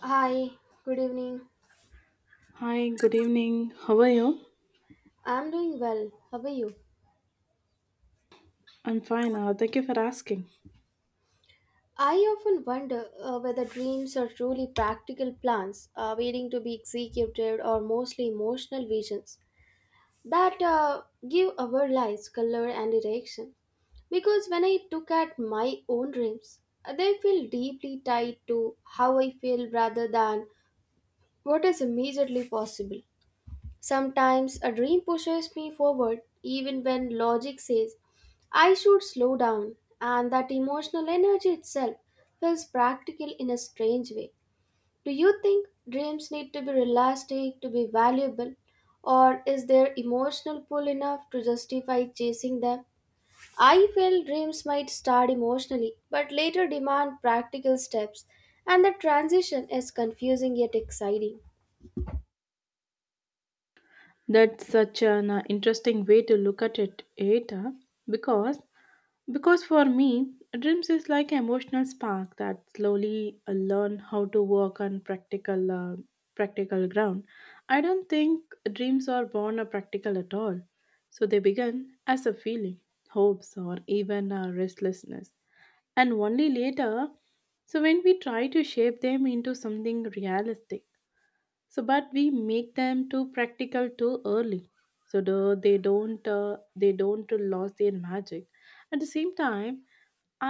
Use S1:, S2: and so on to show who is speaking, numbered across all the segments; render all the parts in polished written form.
S1: Hi, good evening.
S2: Hi, good evening. How are you?
S1: I'm doing well. How are you?
S2: I'm fine. Thank you for asking.
S1: I often wonder whether dreams are truly practical plans waiting to be executed or mostly emotional visions that give our lives color and direction. Because when I look at my own dreams, they feel deeply tied to how I feel rather than what is immediately possible. Sometimes a dream pushes me forward even when logic says I should slow down, and that emotional energy itself feels practical in a strange way. Do you think dreams need to be realistic to be valuable, or is their emotional pull enough to justify chasing them? I feel dreams might start emotionally but later demand practical steps, and the transition is confusing yet exciting.
S2: That's such an interesting way to look at it, because because for me, dreams is like emotional spark that slowly learn how to work on practical ground. I don't think dreams are born a practical at all. So they begin as a feeling, hopes, or even restlessness and only later so when we try to shape them into something realistic so but we make them too practical too early so they don't lose their magic at the same time.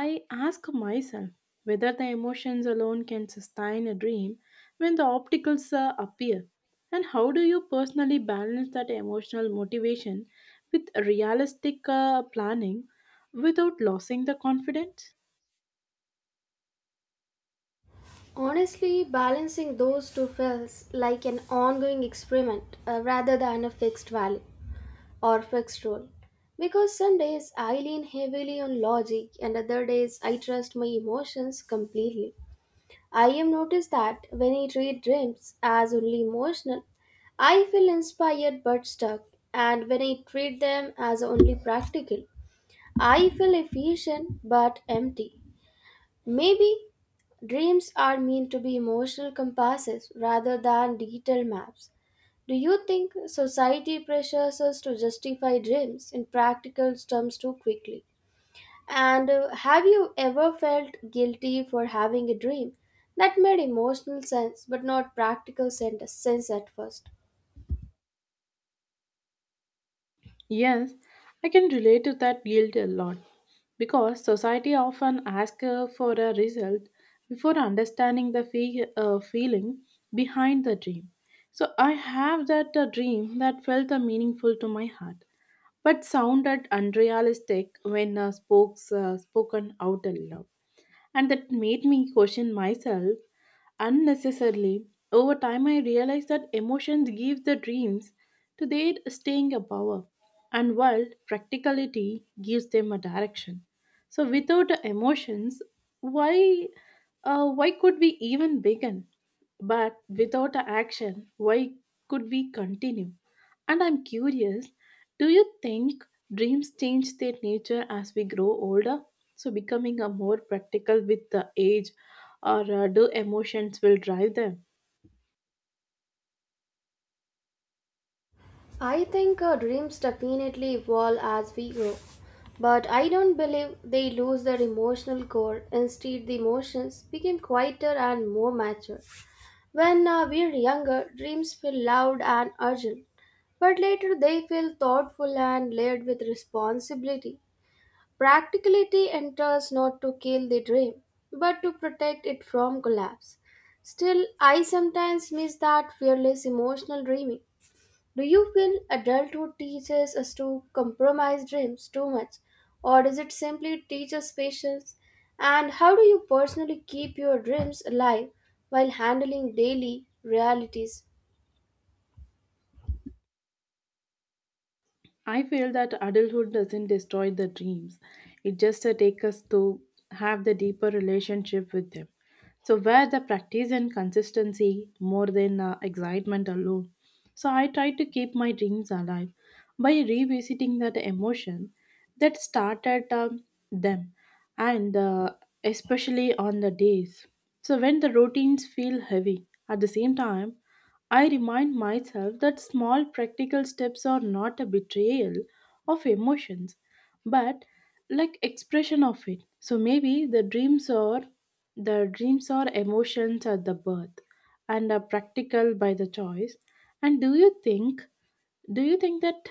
S2: I ask myself whether the emotions alone can sustain a dream when the opticals appear, and how do you personally balance that emotional motivation with realistic planning without losing the confidence?
S1: Honestly, balancing those two feels like an ongoing experiment rather than a fixed value or fixed rule. Because some days I lean heavily on logic and other days I trust my emotions completely. I have noticed that when I treat dreams as only emotional, I feel inspired but stuck, and when I treat them as only practical, I feel efficient but empty. Maybe dreams are meant to be emotional compasses rather than detailed maps. Do you think society pressures us to justify dreams in practical terms too quickly? And have you ever felt guilty for having a dream that made emotional sense but not practical sense at first?
S2: Yes, I can relate to that guilt a lot because society often asks for a result before understanding the feeling behind the dream. So I have that dream that felt meaningful to my heart but sounded unrealistic when spoken out aloud. And that made me question myself unnecessarily. Over time, I realized that emotions give the dreams to their staying a power, and while practicality gives them a direction. So, without emotions, why why could we even begin? But without action, why could we continue? And I'm curious, do you think dreams change their nature as we grow older? So becoming a more practical with the age, or do emotions will drive them?
S1: I think our dreams definitely evolve as we grow, but I don't believe they lose their emotional core. Instead, the emotions became quieter and more mature. When we're younger, dreams feel loud and urgent, but later they feel thoughtful and layered with responsibility. Practicality enters not to kill the dream, but to protect it from collapse. Still, I sometimes miss that fearless emotional dreaming. Do you feel adulthood teaches us to compromise dreams too much, or does it simply teach us patience? And how do you personally keep your dreams alive while handling daily realities?
S2: I feel that adulthood doesn't destroy the dreams. It just takes us to have the deeper relationship with them. So where the practice and consistency more than excitement alone. So I try to keep my dreams alive by revisiting that emotion that started them, and especially on the days. So when the routines feel heavy, at the same time, I remind myself that small practical steps are not a betrayal of emotions, but like expression of it. So maybe the dreams are emotions at the birth and are practical by the choice. And do you think that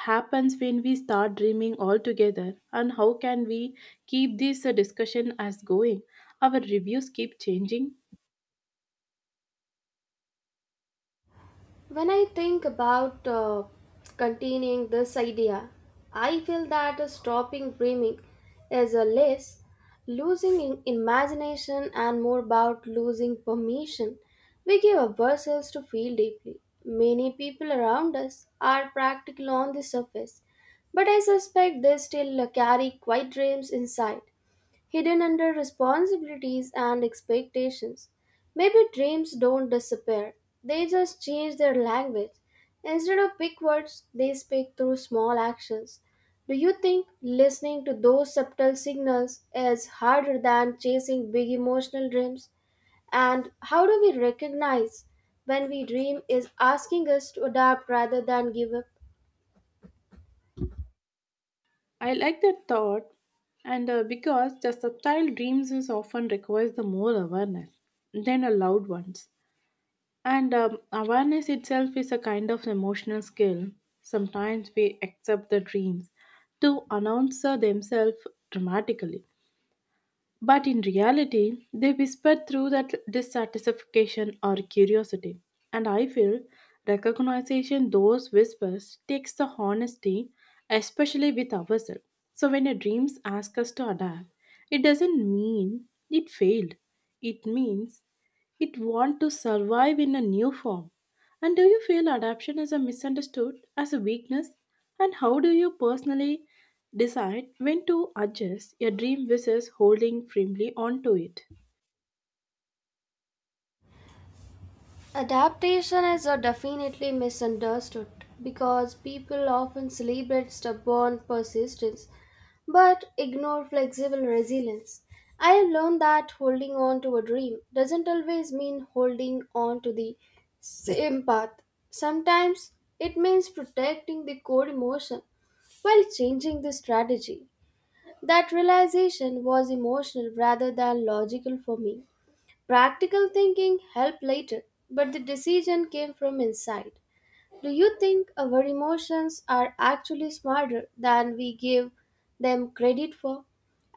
S2: happens when we start dreaming all together, and how can we keep this discussion as going? Our reviews keep changing.
S1: When I think about containing this idea, I feel that stopping dreaming is a less losing in imagination and more about losing permission we give ourselves to feel deeply. Many people around us are practical on the surface, but I suspect they still carry quiet dreams inside, hidden under responsibilities and expectations. Maybe dreams don't disappear, they just change their language. Instead of big words, they speak through small actions. Do you think listening to those subtle signals is harder than chasing big emotional dreams? And how do we recognize when we dream is asking us to adapt rather than give up?
S2: I like that thought, and because the subtle dreams is often requires the more awareness than the loud ones, and awareness itself is a kind of emotional skill. Sometimes we accept the dreams to announce themselves dramatically, but in reality, they whisper through that dissatisfaction or curiosity. And I feel recognition those whispers takes the honesty, especially with ourselves. So when your dreams ask us to adapt, it doesn't mean it failed. It means it wants to survive in a new form. And do you feel adaptation is a misunderstood as a weakness? And how do you personally decide when to adjust your dream versus holding firmly onto it?
S1: Adaptation is a definitely misunderstood because people often celebrate stubborn persistence but ignore flexible resilience. I have learned that holding on to a dream doesn't always mean holding on to the same path. Sometimes it means protecting the core emotion while changing the strategy. That realization was emotional rather than logical for me. Practical thinking helped later, but the decision came from inside. Do you think our emotions are actually smarter than we give them credit for?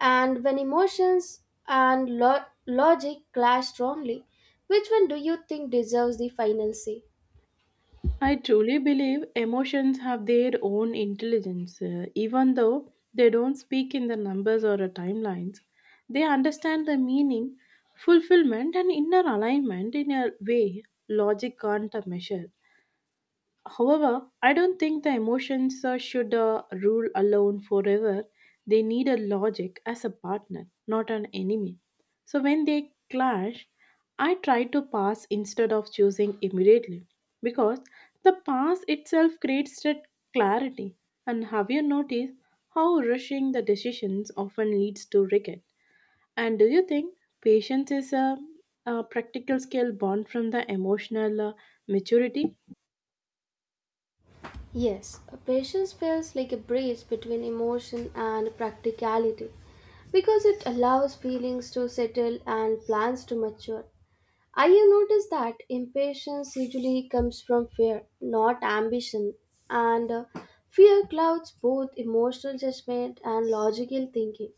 S1: And when emotions and logic clash strongly, which one do you think deserves the final say?
S2: I truly believe emotions have their own intelligence, even though they don't speak in the numbers or timelines. They understand the meaning, fulfillment, and inner alignment in a way logic can't measure. However, I don't think the emotions should rule alone forever. They need a logic as a partner, not an enemy. So when they clash, I try to pass instead of choosing immediately because the pass itself creates that clarity. And have you noticed how rushing the decisions often leads to regret? And do you think patience is a practical skill born from the emotional maturity?
S1: Yes, a patience feels like a bridge between emotion and practicality because it allows feelings to settle and plans to mature. I have noticed that impatience usually comes from fear, not ambition, and fear clouds both emotional judgment and logical thinking.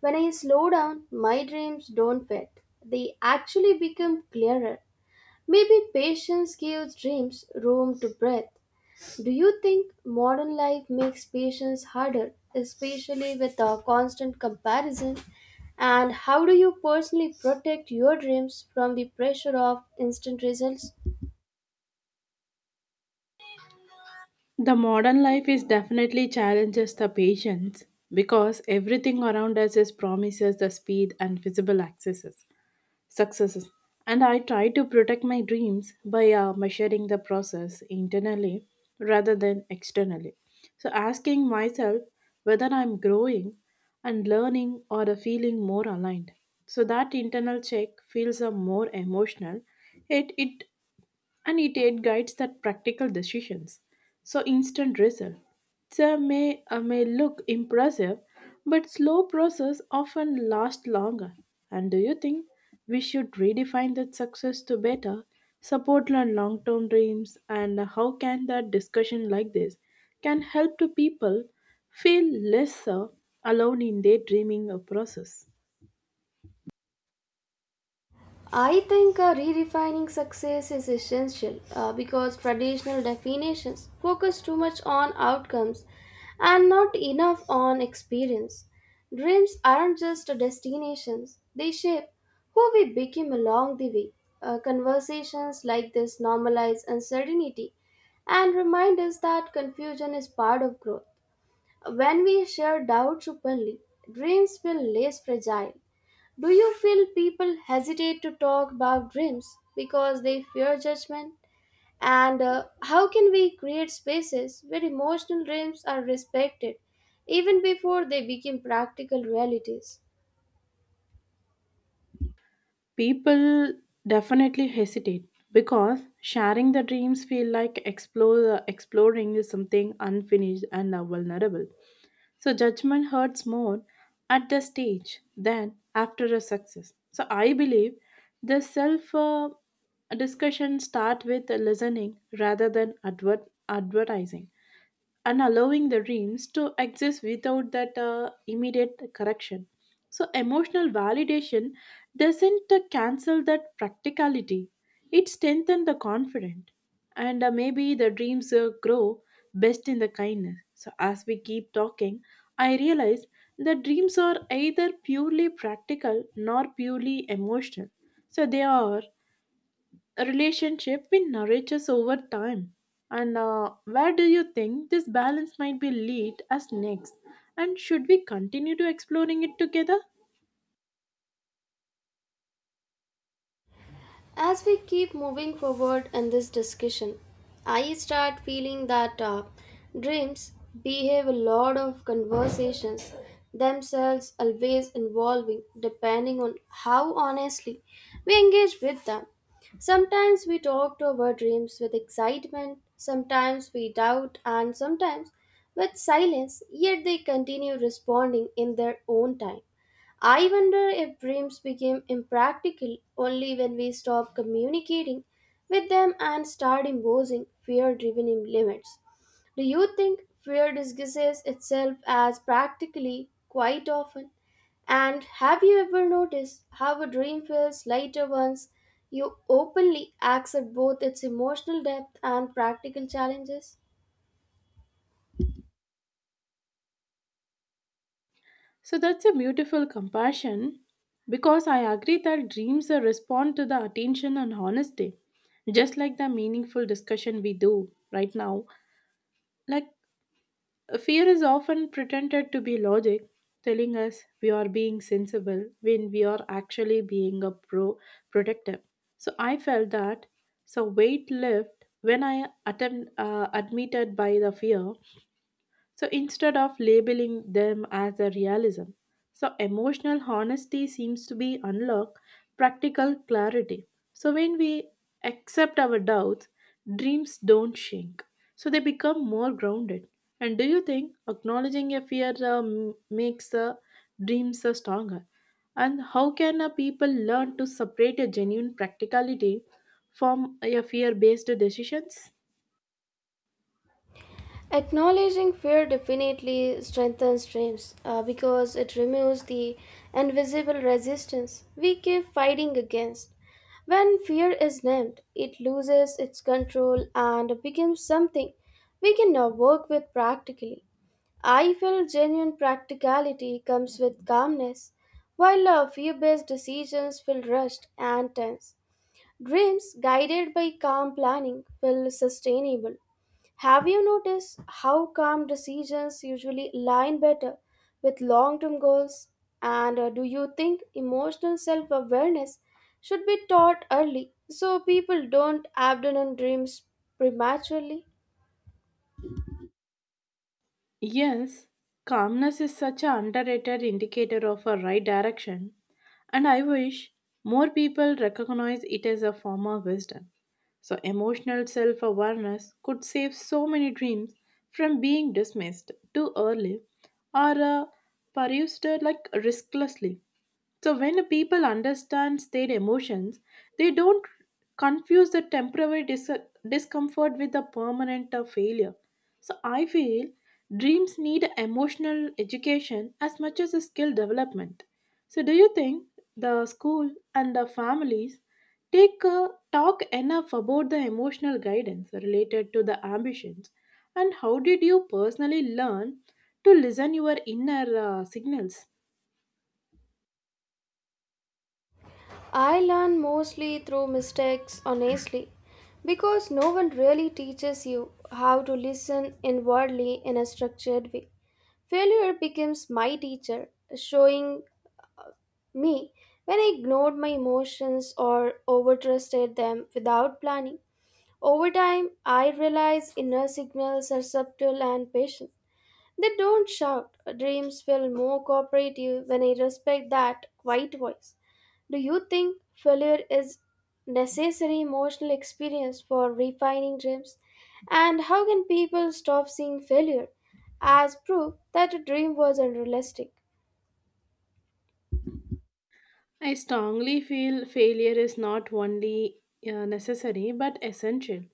S1: When I slow down, my dreams don't fade, they actually become clearer. Maybe patience gives dreams room to breathe. Do you think modern life makes patience harder, especially with a constant comparison? And how do you personally protect your dreams from the pressure of instant results?
S2: The modern life is definitely challenges the patience because everything around us is promises the speed and visible successes. And I try to protect my dreams by measuring the process internally rather than externally. So asking myself whether I'm growing and learning, or feeling more aligned. So that internal check feels more emotional. It and it aid guides that practical decisions. So instant result. They may look impressive, but slow process often last longer. And do you think we should redefine that success to better support and long-term dreams, and how can that discussion like this can help to people feel less alone in their dreaming process?
S1: I think redefining success is essential because traditional definitions focus too much on outcomes and not enough on experience. Dreams aren't just destinations, they shape who we become along the way. Conversations like this normalize uncertainty and remind us that confusion is part of growth. When we share doubts openly, dreams feel less fragile. Do you feel people hesitate to talk about dreams because they fear judgment? And how can we create spaces where emotional dreams are respected even before they become practical realities?
S2: People definitely hesitate because sharing the dreams feel like exploring is something unfinished and vulnerable, so judgment hurts more at the stage than after a success. So I believe the self discussion start with listening rather than advertising, and allowing the dreams to exist without that immediate correction. So, emotional validation doesn't cancel that practicality, it strengthens the confidence. And maybe the dreams grow best in the kindness. So, as we keep talking, I realize that dreams are either purely practical nor purely emotional. So, they are a relationship with nourishes over time, and where do you think this balance might be lead us next, and should we continue to exploring it together?
S1: As we keep moving forward in this discussion, I start feeling that dreams behave a lot of conversations themselves, always involving depending on how honestly we engage with them. Sometimes we talk to our dreams with excitement, sometimes we doubt, and sometimes with silence, yet they continue responding in their own time. I wonder if dreams became impractical only when we stop communicating with them and start imposing fear driven limits. Do you think fear disguises itself as practically quite often? And have you ever noticed how a dream feels lighter once you openly accept both its emotional depth and practical challenges?
S2: So that's a beautiful compassion because I agree that dreams are respond to the attention and honesty, just like the meaningful discussion we do right now. Like, fear is often pretended to be logic, telling us we are being sensible when we are actually being a protective. So I felt that. So weight lift when I admitted by the fear. So instead of labeling them as a realism, so emotional honesty seems to be unlock practical clarity. So when we accept our doubts, dreams don't shrink. So they become more grounded. And do you think acknowledging a fear makes dreams stronger? And how can people learn to separate a genuine practicality from a fear-based decisions?
S1: Acknowledging fear definitely strengthens dreams because it removes the invisible resistance we keep fighting against. When fear is named, it loses its control and becomes something we can now work with practically. I feel genuine practicality comes with calmness, while fear based decisions feel rushed and tense. Dreams guided by calm planning feel sustainable. Have you noticed how calm decisions usually align better with long term goals? And do you think emotional self awareness should be taught early so people don't abandon dreams prematurely?
S2: Yes, calmness is such an underrated indicator of a right direction, and I wish more people recognize it as a form of wisdom. So, emotional self awareness could save so many dreams from being dismissed too early or pursued like risklessly. So when a people understands their emotions, they don't confuse the temporary discomfort with the permanent failure. So I feel dreams need emotional education as much as a skill development. So do you think the school and the families take talk enough about the emotional guidance related to the ambitions, and how did you personally learn to listen your inner signals?
S1: I learn mostly through mistakes, honestly, because no one really teaches you how to listen inwardly in a structured way. Failure becomes my teacher, showing me, when I ignored my emotions or overtrusted them without planning. Over time, I realized inner signals are subtle and patient. They don't shout. Dreams feel more cooperative when I respect that quiet voice. Do you think failure is necessary emotional experience for refining dreams? And how can people stop seeing failure as proof that a dream was unrealistic?
S2: I strongly feel failure is not only necessary but essential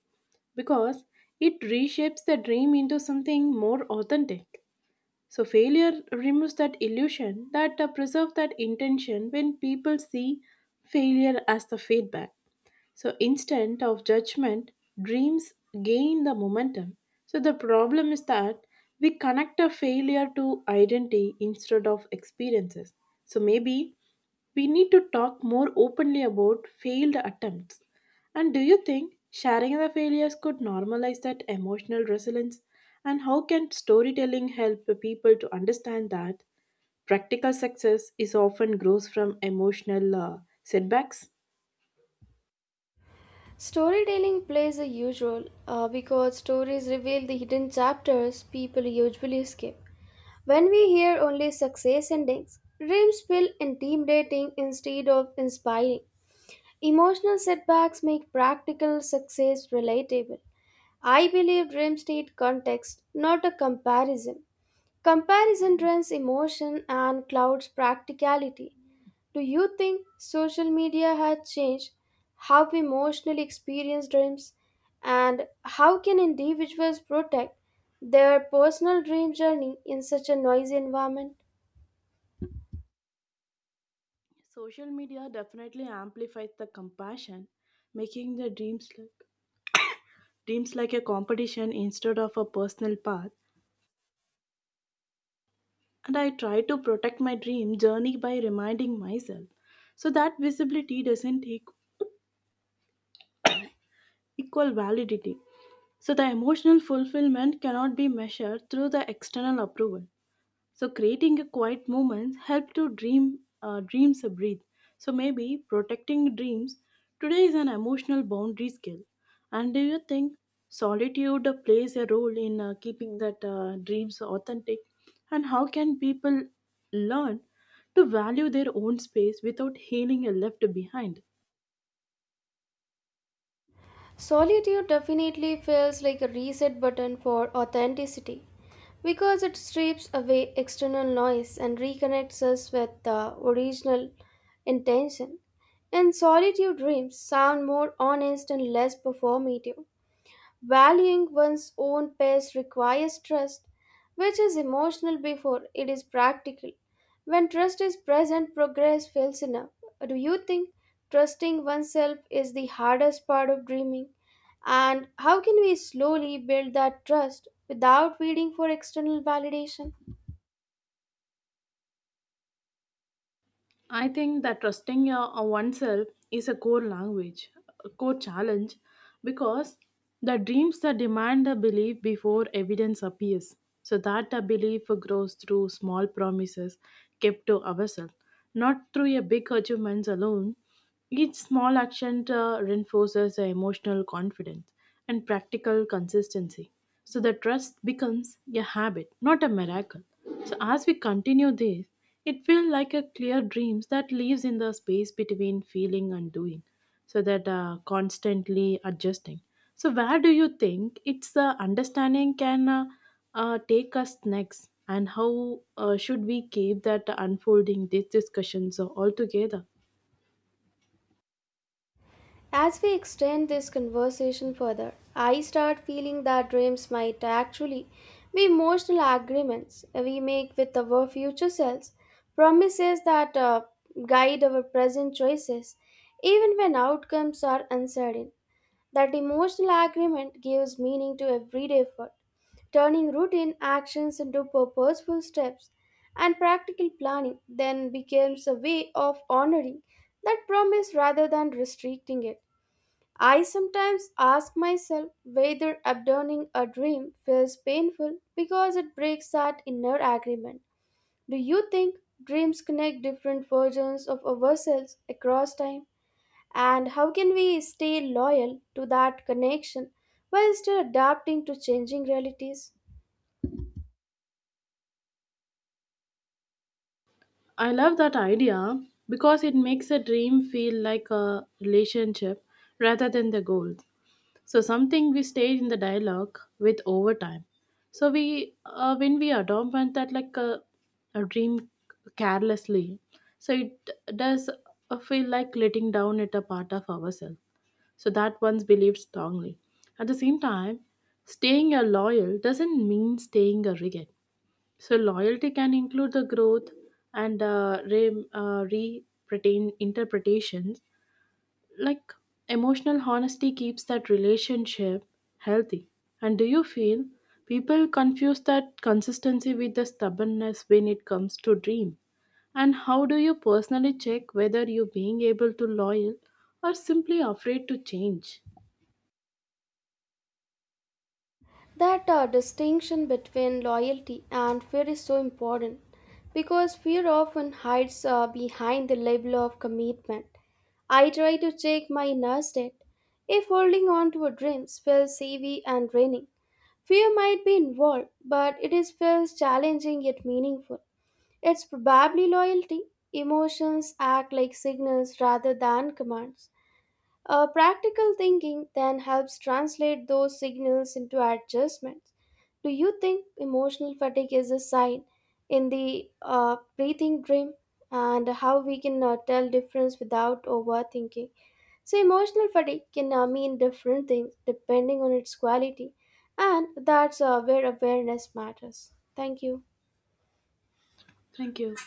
S2: because it reshapes the dream into something more authentic. So, failure removes that illusion that preserves that intention when people see failure as the feedback. So, instead of judgment, dreams gain the momentum. So, the problem is that we connect a failure to identity instead of experiences. So, maybe we need to talk more openly about failed attempts. And do you think sharing the failures could normalize that emotional resilience? And how can storytelling help the people to understand that practical success is often grows from emotional setbacks?
S1: Storytelling plays a huge role because stories reveal the hidden chapters people usually skip. When we hear only success endings, dreams feel intimidating instead of inspiring. Emotional setbacks make practical success relatable. I believe dreams need context, not a comparison. Comparison drains emotion and clouds practicality. Do you think social media has changed how we emotionally experience dreams, and how can individuals protect their personal dream journey in such a noisy environment?
S2: Social media definitely amplifies the compassion, making the dreams look dreams like a competition instead of a personal path. And I try to protect my dream journey by reminding myself so that visibility doesn't take equal validity. So the emotional fulfillment cannot be measured through the external approval. So creating a quiet moments help to dreams breathe. So maybe protecting dreams today is an emotional boundary skill. And do you think solitude plays a role in keeping that dreams authentic? And how can people learn to value their own space without feeling left behind?
S1: Solitude definitely feels like a reset button for authenticity because it strips away external noise and reconnects us with the original intention. In solitude, dreams sound more honest and less performative. Valuing one's own pace requires trust, which is emotional before it is practical. When trust is present, progress feels enough. Do you think trusting oneself is the hardest part of dreaming? And how can we slowly build that trust without waiting for external validation?
S2: I think that trusting oneself is a core challenge, because the dreams that demand a belief before evidence appears, so that the belief grows through small promises kept to ourselves, not through a big achievements alone. Each small action reinforces the emotional confidence and practical consistency. So the trust becomes a habit, not a miracle. So as we continue this, it feels like a clear dreams that lives in the space between feeling and doing, so that constantly adjusting. So where do you think it's the understanding can take us next, and how should we keep that unfolding these discussions all together?
S1: As we extend this conversation further, I start feeling that dreams might actually be emotional agreements we make with our future selves, promises that guide our present choices even when outcomes are uncertain. That emotional agreement gives meaning to everyday effort, turning routine actions into purposeful steps, and practical planning then becomes a way of honoring that promise rather than restricting it. I sometimes ask myself whether abandoning a dream feels painful because it breaks that inner agreement. Do you think dreams connect different versions of ourselves across time? And how can we stay loyal to that connection while still adapting to changing realities?
S2: I love that idea because it makes a dream feel like a relationship rather than the goal. So something we stay in the dialogue with over time. So we when we adopt one that like a dream carelessly, so it does feel like letting down it a part of ourselves. So that one's believed strongly. At the same time, staying a loyal doesn't mean staying a rigid. So loyalty can include the growth and re-pretain interpretations. Like emotional honesty keeps that relationship healthy. And do you feel people confuse that consistency with the stubbornness when it comes to dream? And how do you personally check whether you being able to loyal or simply afraid to change?
S1: That distinction between loyalty and fear is so important because fear often hides behind the label of commitment. I try to check my Nasdaq. If holding on to dreams feels heavy and draining, fear might be involved, but it is feels challenging yet meaningful. It's probably loyalty. Emotions act like signals rather than commands. Practical thinking then helps translate those signals into adjustments. Do you think emotional fatigue is a sign in the breathing dream, and how we can tell difference without overthinking? So emotional fatigue can mean different things depending on its quality, and that's where awareness matters. Thank you.
S2: Thank you.